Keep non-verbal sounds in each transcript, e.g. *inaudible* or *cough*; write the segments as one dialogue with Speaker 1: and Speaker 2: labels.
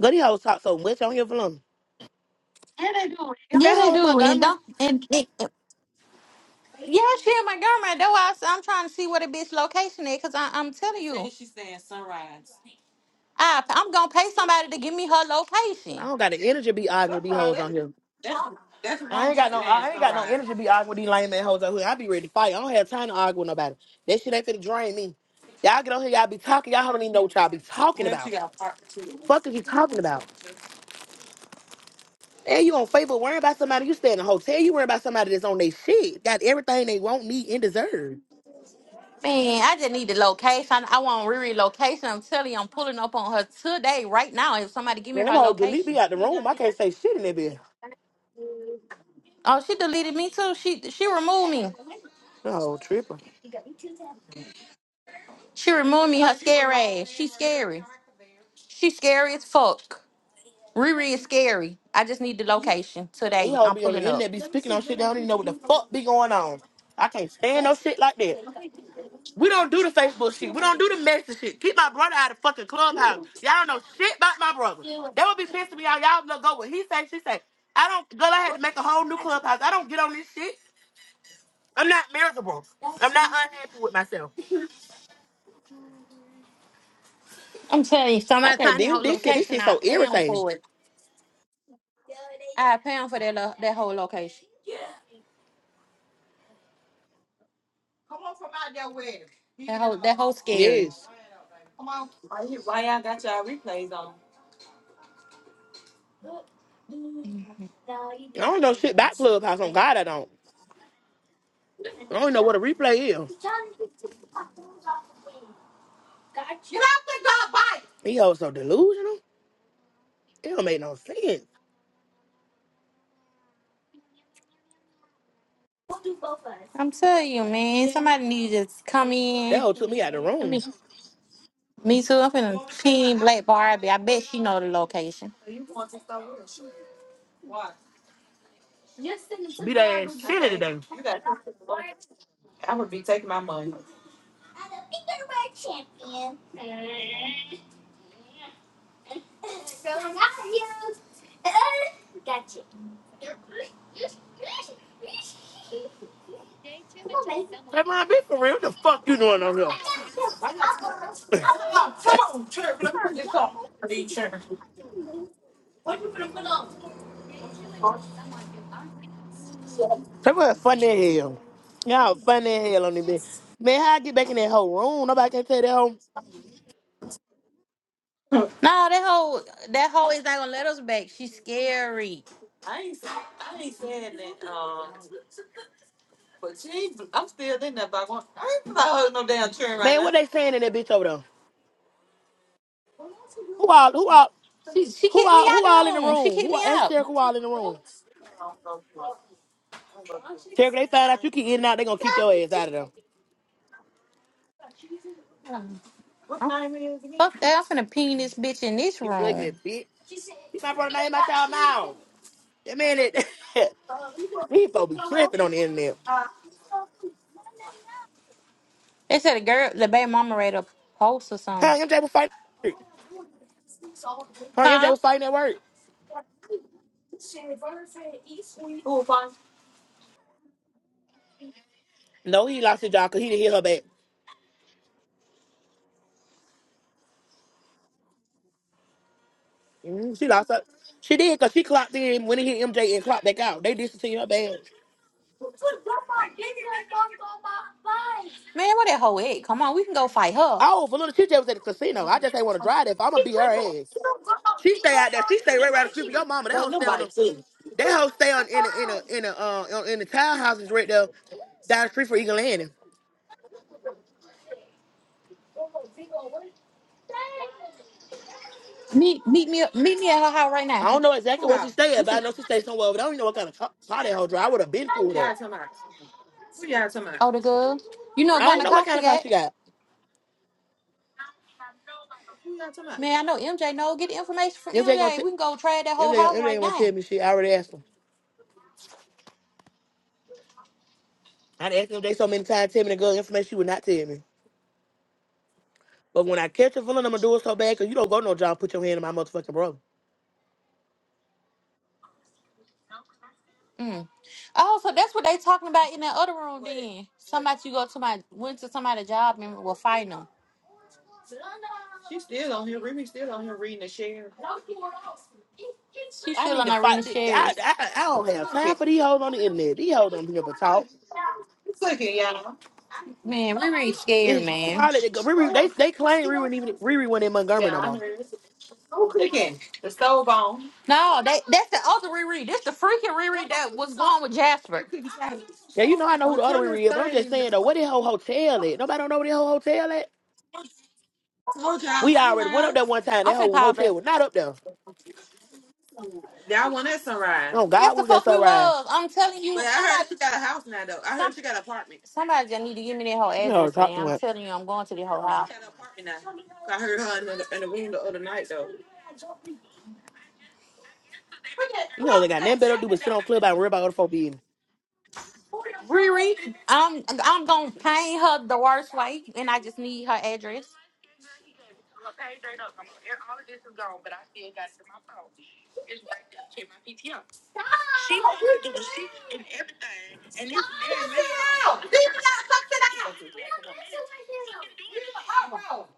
Speaker 1: Girl, these hoes talk so much on here, Valum. Get
Speaker 2: Yeah,
Speaker 1: that
Speaker 2: they
Speaker 1: hoe in
Speaker 2: do. And
Speaker 1: Montgomery.
Speaker 2: don't and it, yeah, she in Montgomery. That's why I s- I'm trying to see where the bitch location is because I'm telling you, And she's saying Sunrise. I I'm gonna pay somebody to give me her
Speaker 1: I
Speaker 2: location.
Speaker 1: don't got the energy to be arguing with these
Speaker 2: Sunrise.
Speaker 1: hoes
Speaker 2: That's
Speaker 1: on here.
Speaker 2: that's, that's
Speaker 1: I
Speaker 2: wrong.
Speaker 1: ain't got
Speaker 2: She's
Speaker 1: no,
Speaker 2: saying
Speaker 1: I ain't got no
Speaker 2: Sunrise.
Speaker 1: energy to be arguing with these lame ass hoes out here. I be ready to fight. I don't have time to argue with nobody. That shit ain't finna drain me. Y'all get on here, y'all be talking. Y'all don't even know what y'all be talking
Speaker 2: Then she
Speaker 1: about.
Speaker 2: got part two.
Speaker 1: Fuck is you talking about? And you on Facebook worrying about somebody you stay in a hotel. You worrying about somebody that's on their shit. Got everything they want, need, and deserve.
Speaker 2: Man, I just need the location. I want Riri location. I'm telling you, I'm pulling up on her today, right now. If somebody give me
Speaker 1: And them
Speaker 2: her
Speaker 1: hoes delete me
Speaker 2: location.
Speaker 1: out the room. I can't say shit in that bitch.
Speaker 2: Oh, she deleted me too. She she removed me.
Speaker 1: No tripping.
Speaker 2: She removed me. Her scary. ass. She scary. She's scary as fuck. Riri is scary. I just need the location
Speaker 1: They
Speaker 2: today.
Speaker 1: all
Speaker 2: I'm
Speaker 1: be on the
Speaker 2: pulling up.
Speaker 1: internet, be speaking on shit. They don't even know what the fuck be going on. I can't stand no shit like that. We don't do the Facebook shit. We don't do the message shit. Keep my brother out of fucking clubhouse. Y'all don't know shit about my brother. That would be pissing me out. Y'all gonna go what he say, she say. I don't, girl, I had to make a whole new clubhouse. I don't get on this shit. I'm not miserable. I'm not unhappy with myself.
Speaker 2: I'm telling you,
Speaker 1: I
Speaker 2: somebody
Speaker 1: can't
Speaker 2: find that
Speaker 1: deal
Speaker 2: whole
Speaker 1: with this shit. This
Speaker 2: location.
Speaker 1: shit
Speaker 2: I
Speaker 1: so
Speaker 2: pound
Speaker 1: irritating.
Speaker 2: for it. I pound for that lo- that whole location. That whole that whole scary.
Speaker 1: Yes.
Speaker 2: Why you- why y'all got y'all replays on?
Speaker 1: I don't know shit about clubhouse. On God, I don't. I don't even know what a replay is. He hoes so delusional. It don't make no sense.
Speaker 2: I'm telling you, man. Somebody need to just come
Speaker 1: That
Speaker 2: in.
Speaker 1: old took me out the
Speaker 2: Let
Speaker 1: room.
Speaker 2: me me too. I'm finna pin Black Barbie. I bet she know the location. You want to start with? Why?
Speaker 1: Be that ass silly
Speaker 2: Okay.
Speaker 1: today.
Speaker 2: You got. I would be taking my money.
Speaker 1: Say, mom, be for real. What the fuck you doing on here? *laughs*
Speaker 2: Preacher.
Speaker 1: Say, what funny as hell. Y'all funny as hell on this bitch. Man, how I get back in that whole room? Nobody can tell that hoe.
Speaker 2: No, that hoe, that hoe is not gonna let us back. She's scary. I ain't, I ain't saying that, um, but she ain't, I'm still in that by one. I ain't about holding no damn children right
Speaker 1: Man, what
Speaker 2: now.
Speaker 1: they saying in that bitch over there? Who all, who all,
Speaker 2: She she
Speaker 1: who
Speaker 2: kicked me
Speaker 1: all,
Speaker 2: out
Speaker 1: who all
Speaker 2: the
Speaker 1: in the
Speaker 2: room. She
Speaker 1: room?
Speaker 2: kicked
Speaker 1: Who all,
Speaker 2: me
Speaker 1: ask
Speaker 2: out.
Speaker 1: Terry who all in the room? Terry, they find out you keep in and out, they gonna kick your ass out of there.
Speaker 2: What Oh, name it is again? Fuck that! I'm finna ping this bitch in this
Speaker 1: You ugly
Speaker 2: room.
Speaker 1: bitch. Keep my brother name out y'all mouth. That man, that, *laughs* these folks be tripping on the internet.
Speaker 2: They said the girl, the baby mama read a post or something.
Speaker 1: How MJ was fighting? Her and MJ
Speaker 2: Huh?
Speaker 1: was fighting at work.
Speaker 2: Who will find?
Speaker 1: No, he lost his job because he didn't hit her back. Mm, she lost her. She did because she clocked in when he hit MJ and clocked back out. They discontinued her badge.
Speaker 2: Man, where that hoe at? Come on, we can go fight her.
Speaker 1: Oh, for little TJ was at the casino.
Speaker 2: Ain't
Speaker 1: I just ain't want to drive that. I'm gonna beat her ass. She stay out there. She stay right around the street from your mama. That hoe stay on
Speaker 2: nobody
Speaker 1: the.
Speaker 2: too.
Speaker 1: That hoe stay on in the in the in the uh in the townhouses right there down the street from Eagle Landing.
Speaker 2: Meet meet me up- meet me at her house right now.
Speaker 1: I don't know exactly
Speaker 2: Who
Speaker 1: where she
Speaker 2: house?
Speaker 1: stay
Speaker 2: We
Speaker 1: at, but I
Speaker 2: finna
Speaker 1: know she stay somewhere. But I don't even know what kind of car, car that hoe drive. I would have been
Speaker 2: Who
Speaker 1: pulled
Speaker 2: y'all
Speaker 1: up.
Speaker 2: talking about? Who y'all talking about? oh the girl. You know what
Speaker 1: I
Speaker 2: kind
Speaker 1: don't
Speaker 2: of Mm.
Speaker 1: know what
Speaker 2: car
Speaker 1: kind
Speaker 2: she
Speaker 1: of car
Speaker 2: got?
Speaker 1: she got.
Speaker 2: Who y'all talking about? Man, I know MJ No, Get the information from
Speaker 1: MJ gonna
Speaker 2: MJ.
Speaker 1: t-
Speaker 2: We can go trade that whole
Speaker 1: MJ
Speaker 2: house
Speaker 1: gonna, MJ
Speaker 2: right
Speaker 1: gonna tell
Speaker 2: now.
Speaker 1: me she. I already asked him. I done asked him that so many times, tell me the girl information she would not tell me. But when I catch a villain, I'm gonna do it so bad because you don't go no job. Put your hand in my motherfucking brother.
Speaker 2: Mm. Oh, so that's what they talking about in that other room then. Somebody you go to my went to somebody's job and will find them. She still on here. Remy still on here reading the share. She's
Speaker 1: I
Speaker 2: still
Speaker 1: need
Speaker 2: on
Speaker 1: to
Speaker 2: there reading
Speaker 1: fight. thi- I,
Speaker 2: the
Speaker 1: I, I don't have time
Speaker 2: at,
Speaker 1: for these hoes on the internet. These hoes don't be able to talk.
Speaker 2: look at y'all. Man, Riri scared,
Speaker 1: It's
Speaker 2: man.
Speaker 1: probably the, Riri, they they claim Riri wasn't even Riri went in Montgomery
Speaker 2: Yeah,
Speaker 1: no
Speaker 2: I
Speaker 1: more.
Speaker 2: heard. Who cooking? The stove on. No, that that's the other Riri. This the freaking Riri that was going with Jasper.
Speaker 1: Yeah, you know I know who
Speaker 2: Well,
Speaker 1: the other
Speaker 2: turn this
Speaker 1: Riri is, but I'm just
Speaker 2: thing.
Speaker 1: saying though, where the whole hotel at? Nobody don't know where the whole hotel at.
Speaker 2: Told y'all
Speaker 1: We already went up
Speaker 2: sunrise.
Speaker 1: there one time.
Speaker 2: I'm
Speaker 1: That
Speaker 2: finna
Speaker 1: whole
Speaker 2: call back.
Speaker 1: hotel was not up there.
Speaker 2: Y'all want that sunrise?
Speaker 1: Oh
Speaker 2: Yes,
Speaker 1: God, we
Speaker 2: the
Speaker 1: was at
Speaker 2: fuck we
Speaker 1: Sunrise.
Speaker 2: was. I'm telling But you, I heard somebody, she got a house now, though. I some heard she got an apartment. somebody just need to give me that whole
Speaker 1: You know
Speaker 2: address,
Speaker 1: talking
Speaker 2: man. I'm
Speaker 1: about.
Speaker 2: telling you, I'm going to the whole She house. got an apartment now. I heard her in the, in the room the other night, though.
Speaker 1: You know they got nothing better to do but sit on club and worry about other folk
Speaker 2: Riri, I'm I'm gonna paint her the worst way, and I just need her address. out. Leave it out. Suck it out. Leave it out.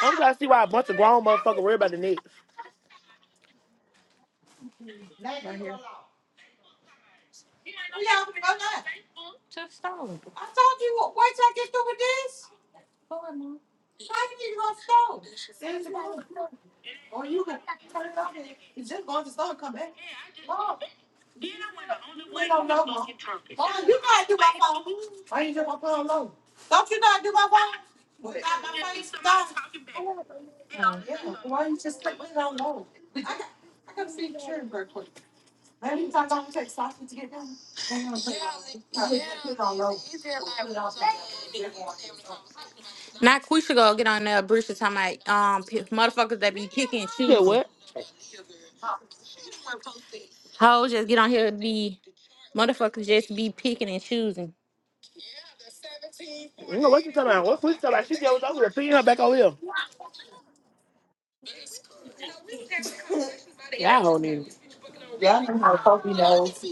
Speaker 1: I'm trying to see why a bunch of grown motherfuckers worry about the Knicks.
Speaker 2: Name right here. Just stop. I told you what. Wait. Go ahead, Mom. Since when you can turn it off? and it's just bad. Now you got to change it. Why? Why? Wait. Yeah. Why you just like leave it alone? I got. I gotta see children very quick. Maybe sometimes I'm gonna take sausage to get down. I'm going to put it on. Yeah, put it on low. Put it on low. Now we should go get on there. Brisha talking about um p- motherfuckers that be kicking and
Speaker 1: She said,
Speaker 2: cheesing.
Speaker 1: what?
Speaker 2: Hoes just get on here and be motherfuckers just be picking and choosing.
Speaker 1: You know, what's she talking about? What's she talking about? She said, was over there, pin her back over here. Yeah, I don't need even.
Speaker 2: Y'all know how Kobe knows.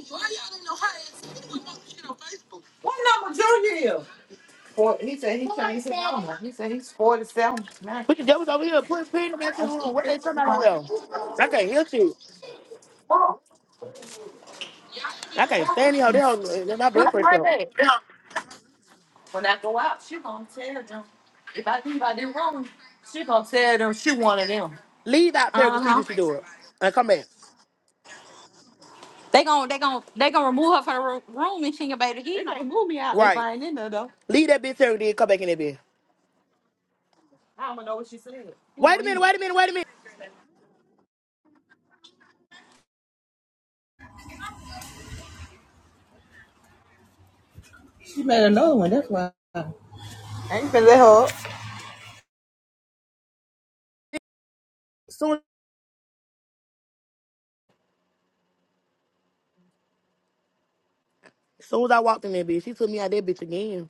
Speaker 2: Four, he said he, he said he's 47. Man,
Speaker 1: Put your
Speaker 2: if
Speaker 1: devils over here, put pin her back over here. What they talking about over there? I can't hear you. I can't stand here. They don't, my blood pressure. up.
Speaker 2: I did wrong, she gonna tell them she one of them.
Speaker 1: Leave out there and
Speaker 2: Uh
Speaker 1: see
Speaker 2: huh.
Speaker 1: if she do it. And come back.
Speaker 2: They gon' they gon' they gon' remove her from the ro- room and she ain't gonna be able to hear.
Speaker 1: Right. Leave that bitch there and then come back in that bitch. Wait a minute, wait a minute, wait a minute. Soon, soon as I walked in that bitch, she took me out that bitch again.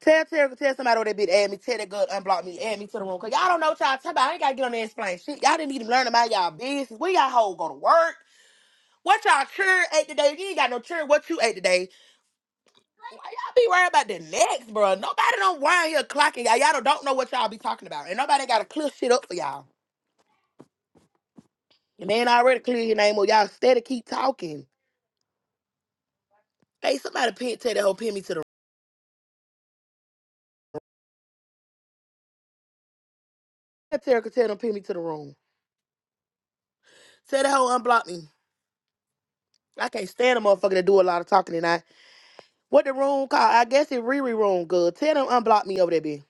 Speaker 1: Tell Terry, tell somebody over that bitch add me. Tell that girl to unblock me, add me to the room. Cause y'all don't know what y'all talking about. I ain't gotta get on there and explain shit. Y'all didn't even learn about y'all business. Where y'all hoe go to work? What y'all children ate today? You ain't got no children. What you ate today? Why y'all be worried about the next, bro? Nobody don't wind here clocking y'all. Y'all don't, don't know what y'all be talking about. And nobody gotta clear shit up for y'all. And they ain't already clear your name or y'all steady keep talking. Hey, somebody pin, tell that hoe pin me to the room. Tell Terry, tell them pin me to the room. Tell that hoe unblock me. I can't stand a motherfucker that do a lot of talking tonight. What the room called? I guess it Riri room. Good. Tell them unblock me over there, B.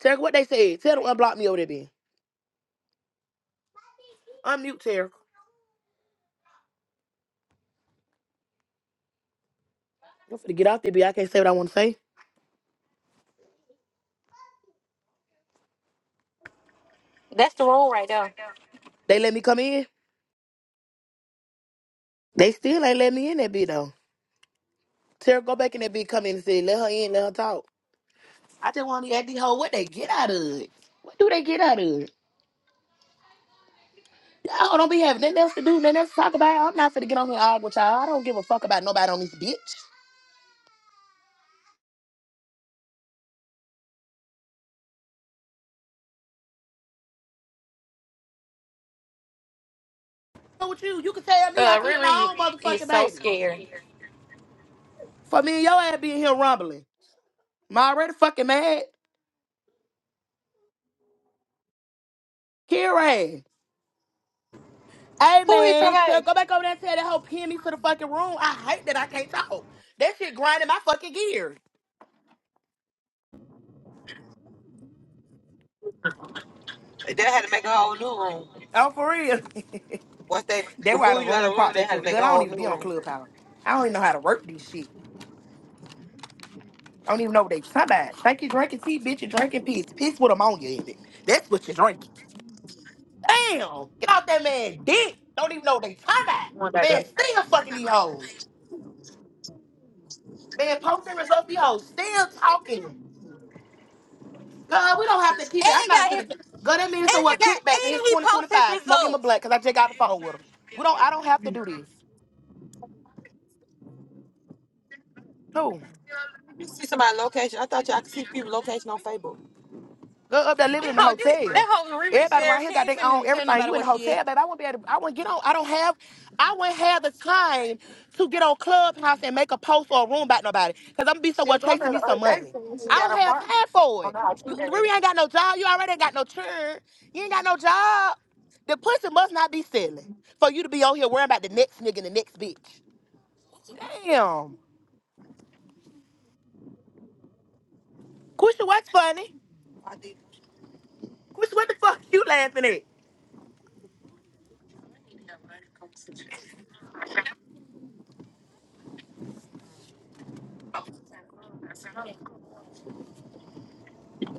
Speaker 1: Tell what they said. Tell them unblock me over there, bitch. Unmute, Terry. I'm finna get out there, B. I can't say what I want to say.
Speaker 2: That's the rule right there.
Speaker 1: They let me come in. They still ain't let me in that bitch though. Tara, go back in that bitch. Come in and say let her in. Let her talk. I just want to ask these hoes what they get out of it. What do they get out of it? I don't be having nothing else to do, nothing else to talk about. I'm not finna get on here and argue with y'all. I don't give a fuck about nobody on this bitch. Wrong With you, you can tell me I
Speaker 2: Uh,
Speaker 1: can hit
Speaker 2: Riri
Speaker 1: my own
Speaker 2: is
Speaker 1: motherfucking
Speaker 2: so
Speaker 1: baby.
Speaker 2: scared.
Speaker 1: For me and your ass being here rumbling. Am I already fucking mad? Here ass. Hey
Speaker 2: Who hit your
Speaker 1: man, tell,
Speaker 2: baby?
Speaker 1: go back over there and tell that hoe pin me to the fucking room. I hate that I can't talk. That shit grinding my fucking gears.
Speaker 2: They had to make a whole new room.
Speaker 1: Oh, for real. *laughs*
Speaker 2: Once they
Speaker 1: That's why the
Speaker 2: remove you out
Speaker 1: room
Speaker 2: of the room,
Speaker 1: popped
Speaker 2: they
Speaker 1: back
Speaker 2: had to
Speaker 1: up.
Speaker 2: make
Speaker 1: Good.
Speaker 2: a
Speaker 1: I don't
Speaker 2: whole
Speaker 1: even be
Speaker 2: new
Speaker 1: on
Speaker 2: room.
Speaker 1: Clubhouse. I don't even know how to work this shit. I don't even know what they talking about. Think you drinking tea, bitch. you drinking piss. Piss with ammonia in it. That's what you're drinking. Damn. Get off that man dick. Don't even know what they talking about. Man, still fucking these hoes. Man, posting results these hoes. Still talking. God, we don't have to keep
Speaker 2: And
Speaker 1: it. I'm
Speaker 2: he
Speaker 1: not
Speaker 2: got
Speaker 1: going
Speaker 2: his
Speaker 1: the. God, that man so
Speaker 2: and he
Speaker 1: what
Speaker 2: got
Speaker 1: kickback it's
Speaker 2: and he posts his
Speaker 1: 2025. Smoke him a
Speaker 2: results.
Speaker 1: black because I just got the phone with him. We don't I don't have to do this. Who?
Speaker 2: You see somebody location. I thought y'all could see people location on Facebook.
Speaker 1: Go up there
Speaker 2: That
Speaker 1: living in the
Speaker 2: hoe, that, that
Speaker 1: hotel.
Speaker 2: hoe Riri
Speaker 1: Everybody around
Speaker 2: scared.
Speaker 1: here
Speaker 2: She
Speaker 1: got
Speaker 2: ain't
Speaker 1: their own
Speaker 2: finna tell
Speaker 1: everything.
Speaker 2: nobody
Speaker 1: You in the
Speaker 2: what she at.
Speaker 1: hotel, baby. I wouldn't be able to, I wouldn't get on. I don't have I wouldn't have the time to get on Clubhouse and make a post or a room about nobody. Cause I'm gonna be
Speaker 2: She
Speaker 1: somewhere
Speaker 2: was on
Speaker 1: chasing
Speaker 2: there the
Speaker 1: me some
Speaker 2: other day
Speaker 1: money.
Speaker 2: saying she
Speaker 1: I
Speaker 2: got an
Speaker 1: don't have
Speaker 2: apartment.
Speaker 1: time for
Speaker 2: I don't
Speaker 1: it.
Speaker 2: know how she
Speaker 1: You you
Speaker 2: got
Speaker 1: really
Speaker 2: it.
Speaker 1: ain't got no job. You already ain't got no churn. You ain't got no job. The pussy must not be selling for you to be on here worrying about the next nigga and the next bitch. Damn. Quisha, what's funny? Quisha, what the fuck you laughing at?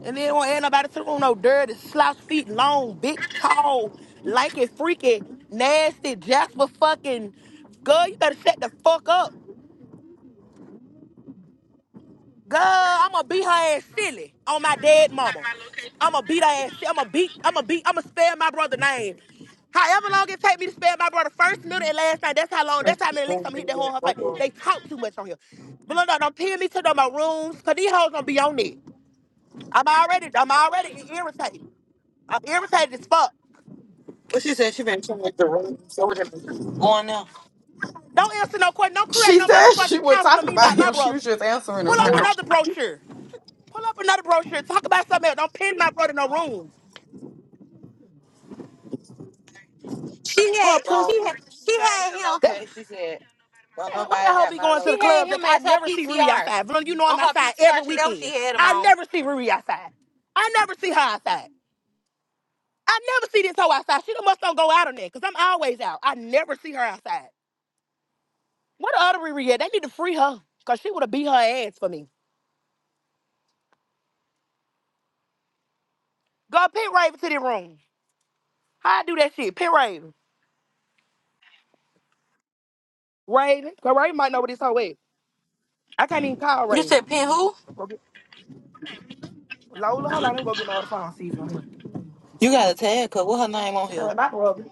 Speaker 1: And then don't add nobody to no dirty, slouch feet, long, big, tall, like it, freaky, nasty, Jasper fucking. Girl, you better shut the fuck up. Girl, I'ma beat her ass silly on my dead mama. I'ma beat her ass. silly. I'ma beat. I'ma beat. I'ma spell my brother's name. However long it take me to spell my brother first, middle, and last name. That's how long.
Speaker 2: But
Speaker 1: That's
Speaker 2: she
Speaker 1: how many licks I'm
Speaker 2: going
Speaker 1: gonna hit
Speaker 2: in
Speaker 1: that
Speaker 2: there,
Speaker 1: hole in her
Speaker 2: go
Speaker 1: face.
Speaker 2: for it.
Speaker 1: They talk too much on here. But look, don't pin me to the, my rooms, cause these hoes gonna be on it. I'm already. I'm already irritated. I'm irritated as fuck.
Speaker 2: Well, she said she been trying to make the room. So what? done going now?
Speaker 1: Don't answer no question. Don't create
Speaker 3: She
Speaker 1: no
Speaker 3: said she
Speaker 1: motherfucking
Speaker 3: wasn't
Speaker 1: counselor. on
Speaker 3: talking about
Speaker 1: about my
Speaker 3: him. She
Speaker 1: brother.
Speaker 3: was just answering
Speaker 1: Pull
Speaker 3: her
Speaker 1: up
Speaker 3: question.
Speaker 1: another brochure. Pull up another brochure. Talk about something else. Don't pin my brother in no rooms.
Speaker 2: She
Speaker 1: Well,
Speaker 2: had, So
Speaker 1: pussy.
Speaker 2: she had, she had him,
Speaker 1: That,
Speaker 2: Okay, She said, don't
Speaker 1: why the
Speaker 2: nobody
Speaker 1: hell
Speaker 2: got
Speaker 1: be
Speaker 2: my
Speaker 1: going
Speaker 2: location.
Speaker 1: to
Speaker 2: she
Speaker 1: the
Speaker 2: had
Speaker 1: clubs? Like
Speaker 2: him
Speaker 1: I
Speaker 2: as her
Speaker 1: never see Riri
Speaker 2: PTR.
Speaker 1: outside. Vern, you know I'm
Speaker 2: On her
Speaker 1: outside every
Speaker 2: PTR, she that what she
Speaker 1: weekend.
Speaker 2: had him
Speaker 1: I
Speaker 2: on.
Speaker 1: never see Riri outside. I never see her outside. I never see this hoe outside. She done must don't go out on that because I'm always out. I never see her outside. What the other Riri at? They need to free her because she would have beat her ass for me. Go pin Raven to the room. How I do that shit? Pin Raven. Raven. Cause Raven might know what this whole Wait, I can't even call
Speaker 2: You
Speaker 1: Raven.
Speaker 2: said pin who?
Speaker 1: Go get, Lola, hold on. Let me go get my other phone. See if it's on here.
Speaker 2: You got to tag her. What her name on here?
Speaker 1: Tell her about Robin.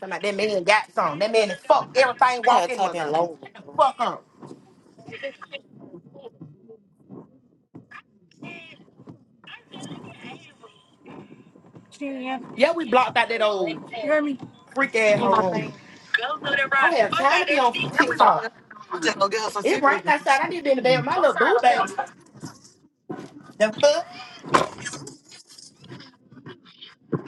Speaker 1: Tell her that man got some. That man is fuck everything
Speaker 2: You got to
Speaker 1: walking
Speaker 2: type in
Speaker 1: Montgomery.
Speaker 2: Lola.
Speaker 1: Shut the fuck up. Yeah, we blocked out that old freak ass her room. I don't have time to be on TikTok. It rained outside. I need to be in the bed with my little boo baby. The fuck?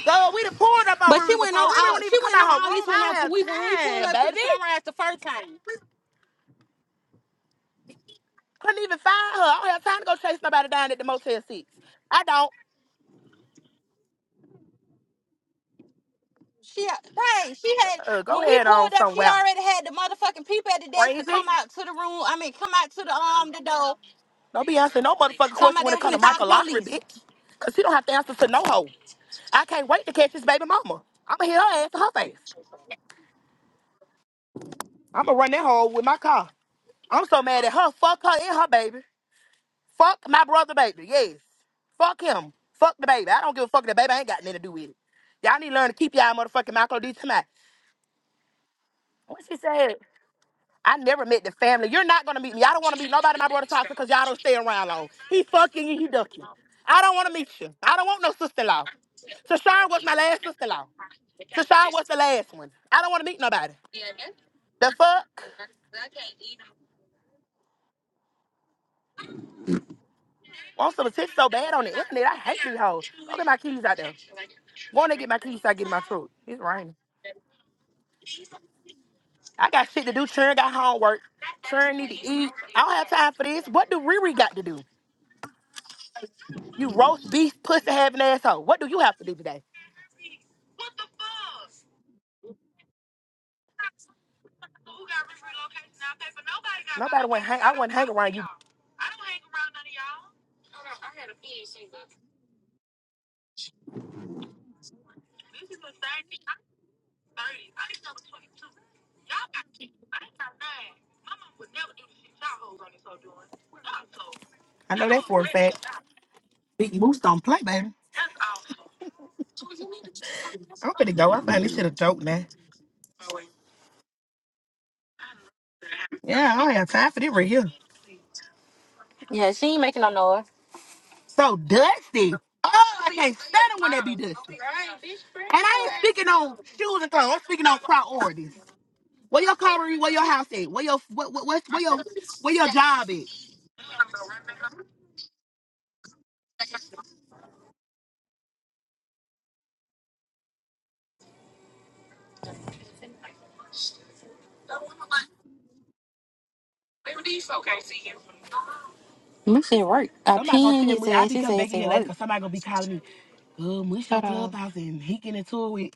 Speaker 1: Girl, we done pulled up on
Speaker 2: But she
Speaker 1: Riri
Speaker 2: went
Speaker 1: before.
Speaker 2: on
Speaker 1: Riri
Speaker 2: all
Speaker 1: wouldn't
Speaker 2: she
Speaker 1: even come
Speaker 2: went on
Speaker 1: out her
Speaker 2: all
Speaker 1: room.
Speaker 2: this when
Speaker 1: I
Speaker 2: I
Speaker 1: don't
Speaker 2: we when we
Speaker 1: have
Speaker 2: pulled
Speaker 1: time,
Speaker 2: up to the
Speaker 1: baby.
Speaker 2: sunrise the first time.
Speaker 1: Couldn't even find her. I don't have time to go chase nobody down at the Motel 6. I don't.
Speaker 2: She hey, she had
Speaker 1: Uh, go
Speaker 2: when we
Speaker 1: ahead on
Speaker 2: pulled up, she
Speaker 1: somewhere.
Speaker 2: already had the motherfucking people at the desk to come
Speaker 1: Crazy.
Speaker 2: out to the room. I mean come out to the um the door.
Speaker 1: Don't be answering no motherfucking
Speaker 2: Talking
Speaker 1: question
Speaker 2: about
Speaker 1: when
Speaker 2: they
Speaker 1: it comes
Speaker 2: were
Speaker 1: to
Speaker 2: finna call the
Speaker 1: Michael Lowry,
Speaker 2: police.
Speaker 1: bitch. Cause he don't have to answer to no hoe. I can't wait to catch his baby mama. I'ma hit her ass to her face. I'ma run that hoe with my car. I'm so mad at her. Fuck her and her baby. Fuck my brother baby. Yes. Fuck him. Fuck the baby. I don't give a fuck. if The baby ain't got nothing to do with it. Y'all need to learn to keep y'all motherfucking Michael D tonight. What she said? I never met the family. You're not gonna meet me. I don't wanna meet nobody my brother's house because y'all don't stay around long. He fucking you, he ducking. I don't wanna meet you. I don't want no sister-in-law. Tashawn was my last sister-in-law. Tashawn was the last one. I don't wanna meet nobody. The fuck? Want some attention so bad on the internet. I hate these hoes. Go get my keys out there. Go in there get my keys so I get in my truck. It's raining. I got shit to do. Churn got homework. Churn need to eat. I don't have time for this. What do Riri got to do? You roast beef, pussy having asshole. What do you have to do today? Nobody went hang. I wouldn't hang around you I know that for a fact. Big Moose don't play, baby. I'm finna go. I find this shit a joke now. Yeah, I don't have time for this right here.
Speaker 2: Yeah, she ain't making no noise.
Speaker 1: So dusty. Oh, I can't stand it when they be dusty. And I ain't speaking on shoes and clothes. I'm speaking on priorities. Where your car is, where your house at, where your what, what, what's- where your where your job at.
Speaker 2: This shit work. I
Speaker 1: Somebody gonna
Speaker 2: pinned
Speaker 1: tell
Speaker 2: his
Speaker 1: me I'll
Speaker 2: ass.
Speaker 1: be
Speaker 2: His
Speaker 1: coming back
Speaker 2: ass
Speaker 1: in
Speaker 2: at
Speaker 1: here later
Speaker 2: work.
Speaker 1: because somebody gonna be calling me. Good mush on
Speaker 2: Hold on.
Speaker 1: Clubhouse and he getting into it with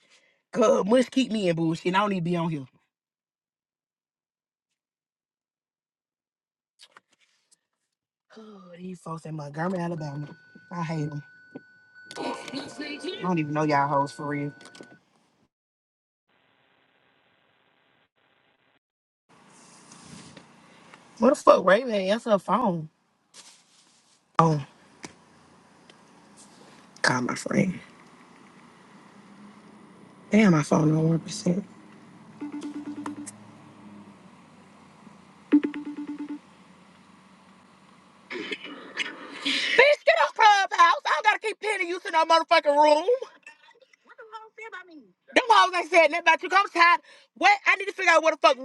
Speaker 1: Good mush keep me in bullshit. And I don't need to be on here. *sighs* Oh, these folks in Montgomery, Alabama. I hate 'em. I don't even know y'all hoes for real. What the fuck, Raven? That's her phone. Oh, God, my friend. Damn, my phone on one percent. Bitch, get off Clubhouse. I don't gotta keep pinning you to no motherfucking room. Them hoes ain't saying nothing about you. I'm tired. What? I need to figure out what the fuck.